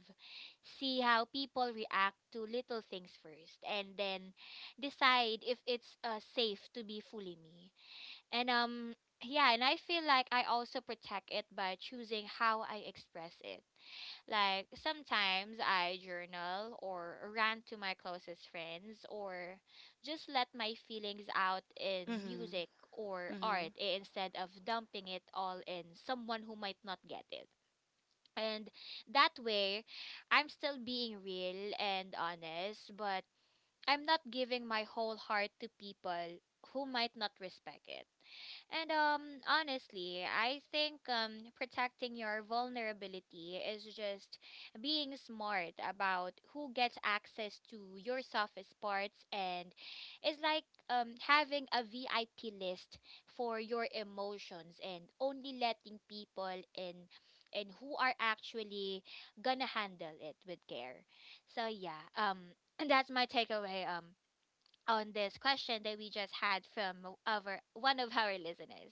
A: see how people react to little things first and then decide if it's safe to be fully me. And yeah, and I feel like I also protect it by choosing how I express it. Like sometimes I journal or rant to my closest friends or just let my feelings out in music
B: Mm-hmm.
A: or
B: Mm-hmm.
A: art instead of dumping it all in someone who might not get it. And that way, I'm still being real and honest, but I'm not giving my whole heart to people who might not respect it. And honestly, I think protecting your vulnerability is just being smart about who gets access to your softest parts, and it's like having a VIP list for your emotions and only letting people in and who are actually gonna handle it with care. So yeah, that's my takeaway on this question that we just had from our one of our listeners.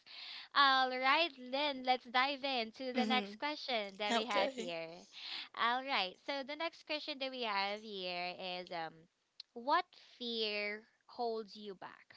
A: All right, then let's dive into the next
B: Mm-hmm.
A: question that we have
B: Okay.
A: here. All right, so the next question that we have here is what fear holds you back?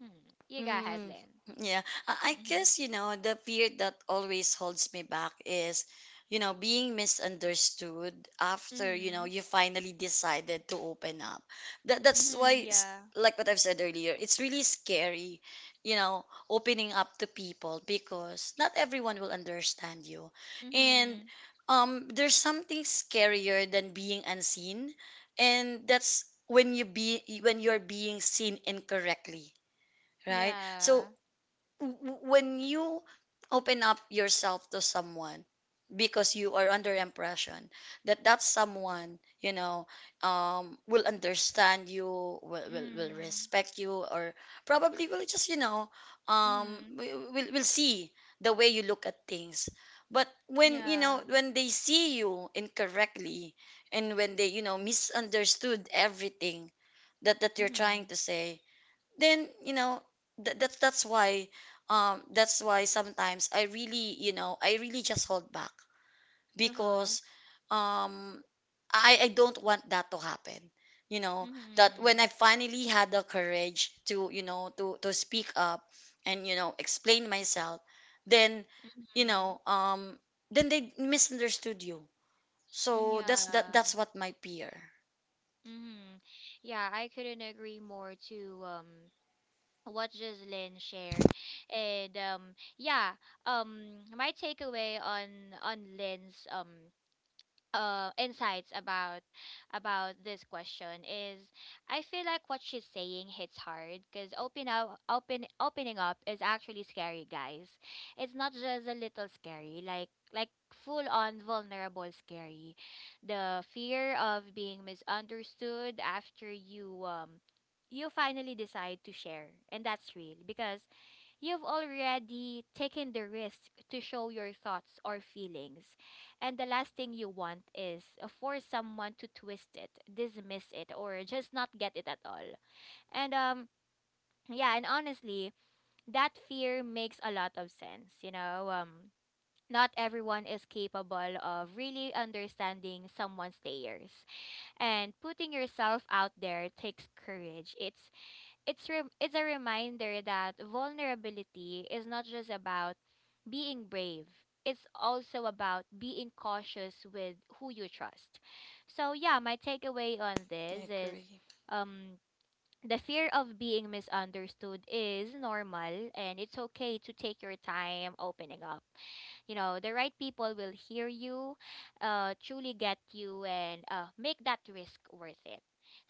A: Hmm. You go ahead,
B: Mm,
A: Lynn.
B: yeah, I
A: Mhm.
B: guess, you know, the fear that always holds me back is, you know, being misunderstood after, you know,
A: Mhm.
B: you finally decided to open up. That that's
A: Mhm.
B: why,
A: Yeah.
B: like what I've said earlier, it's really scary, you know, opening up to people because not everyone will understand you. And
A: Mhm.
B: there's something scarier than being unseen, and that's when you be when you're being seen incorrectly, right? So
A: Yeah.
B: w- when you open up yourself to someone because you are under impression that that someone you know will understand you, will, will
A: Mhm.
B: respect you, or probably will just you know
A: Mhm.
B: will see the way you look at things. But when you know
A: Yeah.
B: when they see you incorrectly, and when they you know misunderstood everything that you're trying
A: Mhm.
B: to say, then you know th- that's that's why that's why sometimes I really you know I really just hold back
A: Uh huh.
B: because um I don't want that to happen, you know, that when
A: Mhm.
B: I finally had the courage to you know to speak up and you know explain myself, then you
A: Mhm.
B: know then they misunderstood you.
A: Mm,
B: So that's that's
A: yeah,
B: what my peer.
A: hmm. Yeah, I couldn't agree more to what Jocelyn shared. And yeah, my takeaway on Lynn's insights about this question is I feel like what she's saying hits hard because opening up is actually scary, guys. It's not just a little scary, like full on vulnerable scary. The fear of being misunderstood after you you finally decide to share, and that's real because you've already taken the risk to show your thoughts or feelings, and the last thing you want is for someone to twist it, dismiss it, or just not get it at all. And yeah, and honestly, that fear makes a lot of sense. You know, not everyone is capable of really understanding someone's layers, and putting yourself out there takes courage. It's it's a reminder that vulnerability is not just about being brave. It's also about being cautious with who you trust. So yeah, my takeaway on this
B: I
A: is
B: agree.
A: um the fear of being misunderstood is normal, and it's okay to take your time opening up. You know, the right people will hear you, truly get you, and make that risk worth it.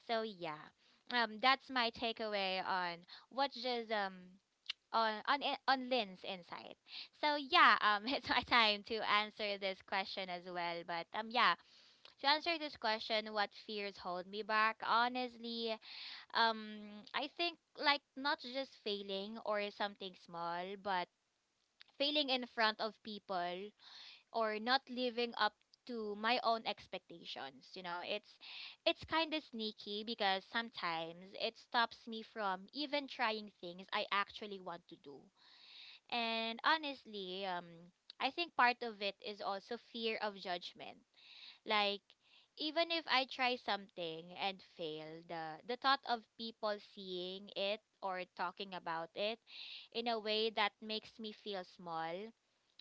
A: So yeah, that's my takeaway on what just on on Lynn's insight. So yeah, it's my time to answer this question as well. But yeah, to answer this question, what fears hold me back? Honestly, I think like not just failing or something small, but failing in front of people or not living up to my own expectations. You know, it's kind of sneaky because sometimes it stops me from even trying things I actually want to do. And honestly, I think part of it is also fear of judgment. Like, even if I try something and fail, the thought of people seeing it or talking about it in a way that makes me feel small,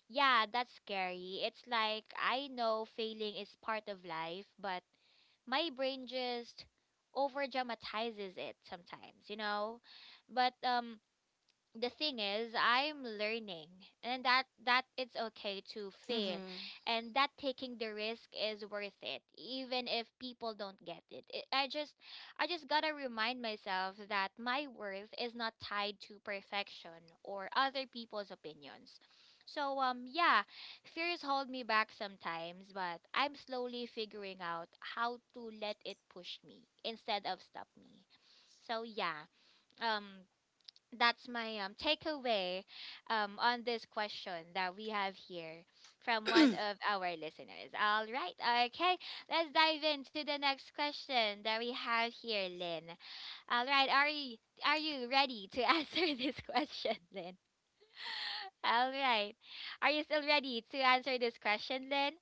A: yeah, that's scary. It's like I know failing is part of life, but my brain just over dramatizes it sometimes, you know? But the thing is, I'm learning and that it's okay to fail,
B: Hmm.
A: and that taking the risk is worth it even if people don't get it. I just gotta remind myself that my worth is not tied to perfection or other people's opinions. So yeah, fears hold me back sometimes, but I'm slowly figuring out how to let it push me instead of stop me. So yeah, um that's my takeaway on this question that we have here from one of our listeners. All right, okay, let's dive into the next question that we have here, Lynn. All right, are you ready to answer this question, Lynn? All right, are you still ready to answer this question, Lynn?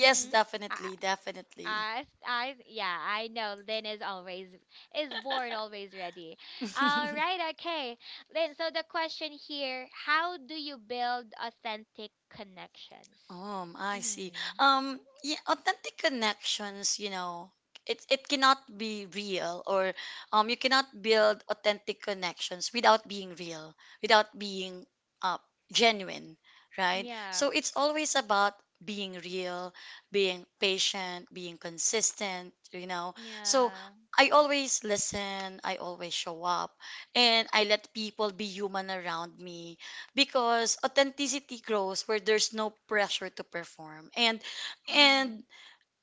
B: Yes, definitely definitely.
A: yeah, I know. Lynn is always is born always ready. All right, okay, Lynn. So the question here: how do you build authentic connections?
B: I see.
A: Mm-hmm.
B: Yeah, authentic connections, you know, it cannot be real, or you cannot build authentic connections without being real, without being uh genuine, right?
A: Yeah.
B: So it's always about being real, being patient, being consistent, you know. So
A: Yeah.
B: I always listen, I always show up, and I let people be human around me, because authenticity grows where there's no pressure to perform. And
A: Mm-hmm.
B: and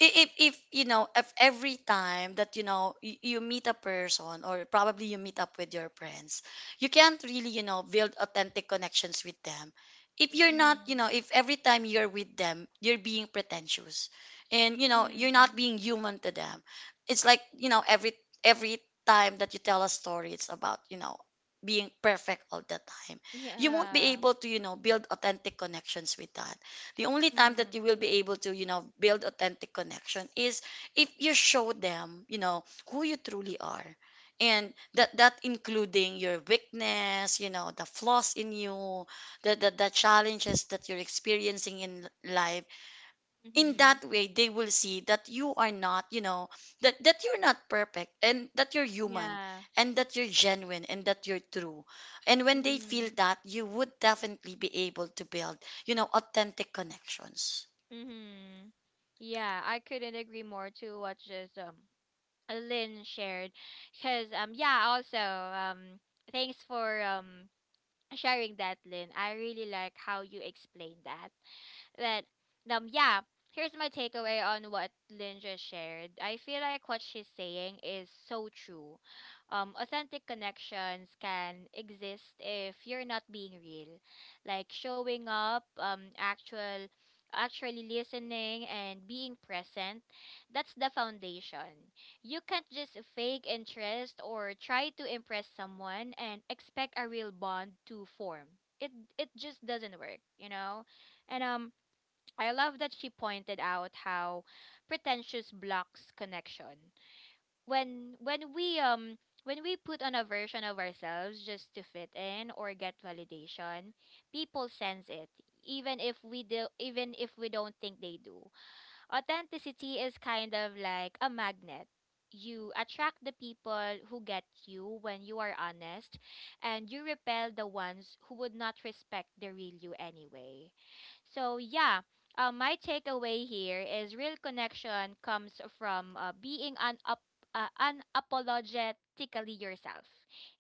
B: if you know if every time that you know you, you meet a person or probably you meet up with your friends, you can't really you know build authentic connections with them if you're not you
A: Mm-hmm.
B: know if every time you're with them you're being pretentious and you know you're
A: Mm-hmm.
B: not being human to them. It's like you know every time that you tell a story it's about you know being perfect all the time, you won't be
A: Yeah.
B: able to you know build authentic connections with that. The only time that
A: Mm-hmm.
B: you will be able to you know build authentic connection is if you show them you know who you truly are. And that including your weakness, you know, the flaws in you, the challenges that you're experiencing in life. In
A: Mm-hmm.
B: that way they will see that you are not you know that you're not perfect and that you're human,
A: Yeah.
B: and that you're genuine and that you're true. And when they feel
A: Mm-hmm.
B: that, you would definitely be able to build you know authentic connections.
A: Mm-hmm. Yeah, I couldn't agree more to what just Lynn shared. Because yeah, also thanks for sharing that, Lynn. I really like how you explained that. But yeah, here's my takeaway on what Lynn just shared. I feel like what she's saying is so true. Authentic connections can exist if you're not being real, like showing up, actually listening and being present. That's the foundation. You can't just fake interest or try to impress someone and expect a real bond to form. It just doesn't work, you know. And I love that she pointed out how pretentious blocks connection. When we put on a version of ourselves just to fit in or get validation, people sense it, even if we don't think they do. Authenticity is kind of like a magnet. You attract the people who get you when you are honest, and you repel the ones who would not respect the real you anyway. So, yeah, my takeaway here is real connection comes from being unapologetically yourself.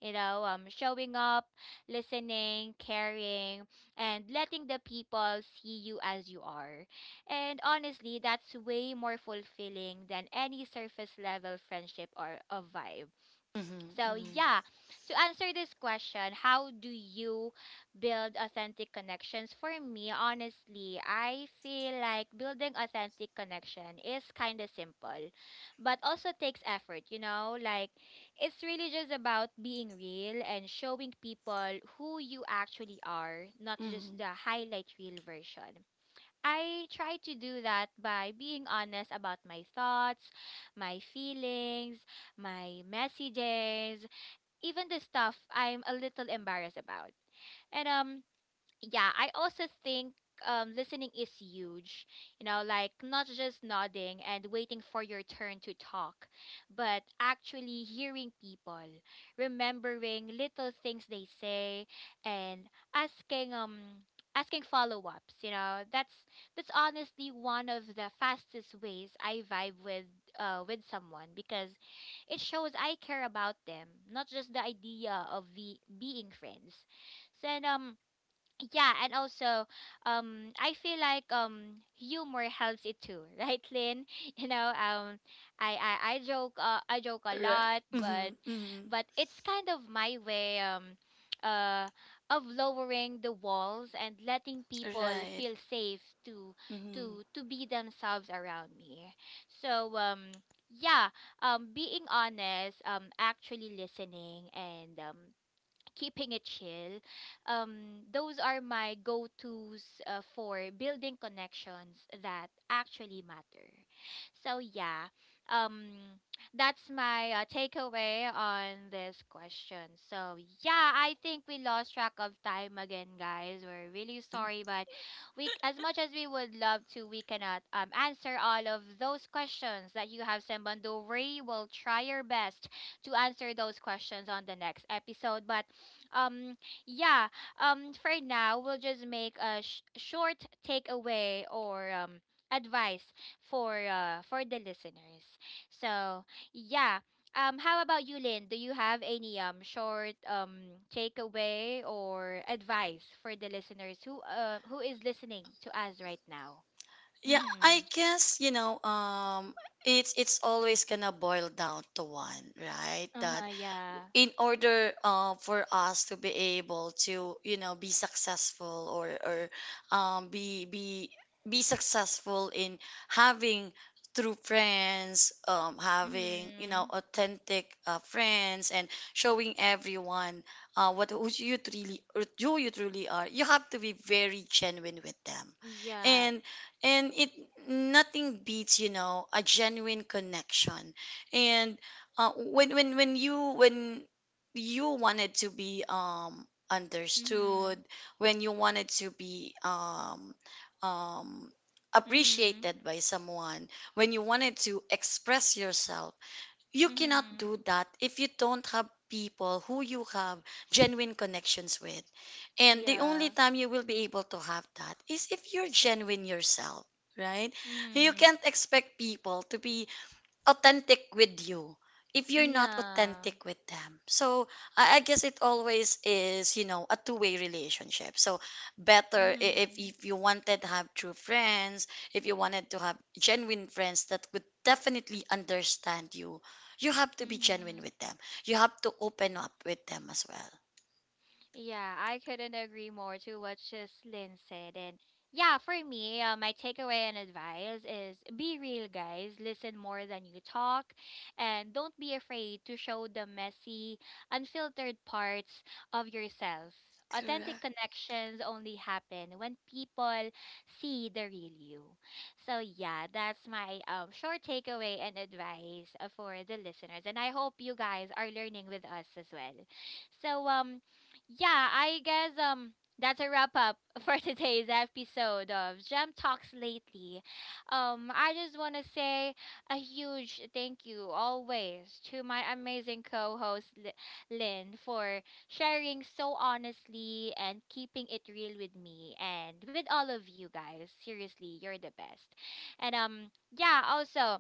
A: You know, showing up, listening, caring, and letting the people see you as you are. And honestly, that's way more fulfilling than any surface level friendship or a vibe.
B: Mm-hmm,
A: So,
B: mm-hmm,
A: yeah, to answer this question, how do you build authentic connections? For me, honestly, I feel like building authentic connection is kind of simple, but also takes effort, you know? Like, it's really just about being real and showing people who you actually are, not
B: mm-hmm.
A: just the highlight reel version. I try to do that by being honest about my thoughts, my feelings, my messages, even the stuff I'm a little embarrassed about. And yeah, I also think listening is huge. You know, like not just nodding and waiting for your turn to talk, but actually hearing people, remembering little things they say, and asking follow ups. You know, that's honestly one of the fastest ways I vibe with someone because it shows I care about them, not just the idea of being friends. So and yeah, and also I feel like humor helps it too, right, Lynn? You know, I joke a
B: Right,
A: lot,
B: mm-hmm,
A: but
B: mm-hmm.
A: it's kind of my way uh of lowering the walls and letting people
B: Right,
A: feel safe to
B: mm-hmm.
A: be themselves around me. So yeah, being honest, actually listening, and keeping it chill. Those are my go tos for building connections that actually matter. So, yeah, um, that's my takeaway on this question. So, yeah, I think we lost track of time again, guys. We're really sorry, but we, as much as we would love to, we cannot answer all of those questions that you have sent. But don't worry, we'll try our best to answer those questions on the next episode. But um yeah, for now we'll just make a short takeaway or advice for the listeners. So, yeah. How about you, Lynn? Do you have any short takeaway or advice for the listeners who is listening to us right now?
B: Yeah, I
A: Mhm.
B: guess you know it's always gonna boil down to one, right? the
A: Uh-huh, yeah.
B: In order for us to be able to you know be successful or um, be be be successful in having true friends, having you know
A: Mhm.
B: authentic friends, and showing everyone what who you truly or who you truly are, you have to be very genuine with them.
A: Yeah.
B: And and it nothing beats you know a genuine connection. And when you wanted to be understood,
A: Mhm.
B: when you wanted to be um
A: Mhm.
B: appreciated by someone, when you wanted to express yourself, you cannot
A: Mhm.
B: do that if you don't have people who you have genuine connections with. And the only
A: Yeah.
B: time you will be able to have that is if you're genuine yourself, right? You
A: Mhm.
B: can't expect people to be authentic with you if you're not
A: Yeah.
B: authentic with them. So I guess it always is, you know, a two-way relationship. So better
A: Mhm.
B: if you wanted to have true friends, if you wanted to have genuine friends that would definitely understand you, you have to be genuine
A: Mhm.
B: with them. You have to open up with them as well.
A: Yeah, I couldn't agree more to what just Lynn said. And yeah, for me, my takeaway and advice is be real, guys. Listen more than you talk. And don't be afraid to show the messy, unfiltered parts of yourself. Authentic
B: Correct.
A: connections only happen when people see the real you. So, yeah, that's my short takeaway and advice for the listeners. And I hope you guys are learning with us as well. So yeah, I guess that's a wrap up for today's episode of Gem Talks Lately. I just want to say a huge thank you always to my amazing co-host Lynn for sharing so honestly and keeping it real with me and with all of you guys. Seriously, you're the best. And yeah, also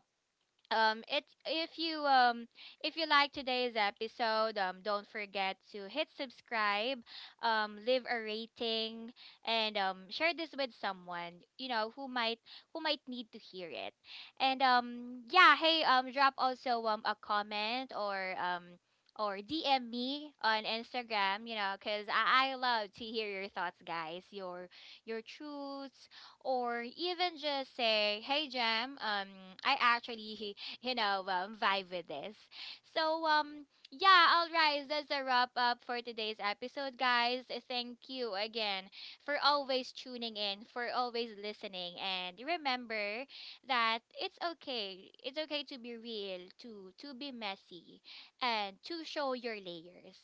A: it if you like today's episode, don't forget to hit subscribe, leave a rating, and share this with someone you know who might need to hear it. And yeah, hey, drop also a comment, or DM me on Instagram, you know, because I love to hear your thoughts, guys, your truths, or even just say, "Hey, Jam, I actually you know, vibe with this." So, yeah, all right, that's a wrap up for today's episode, guys. Thank you again for always tuning in, for always listening, and remember that it's okay. It's okay to be real, to be messy, and to show your layers.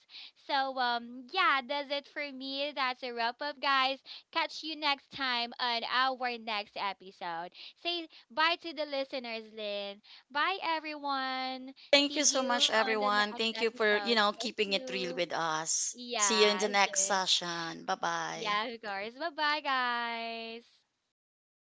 A: So, yeah, that's it for me. That's a wrap up, guys. Catch you next time on our next episode. Say bye to the listeners, Lynn. Bye, everyone.
B: Thank
A: See
B: you so
A: you
B: much,
A: on the
B: everyone.
A: next
B: Thank you for, you
A: episode.
B: know,
A: Thank
B: keeping it real
A: you.
B: with us. See you in the
A: Yeah,
B: next
A: sure.
B: session. Bye bye.
A: Yeah, of course. Bye bye, guys.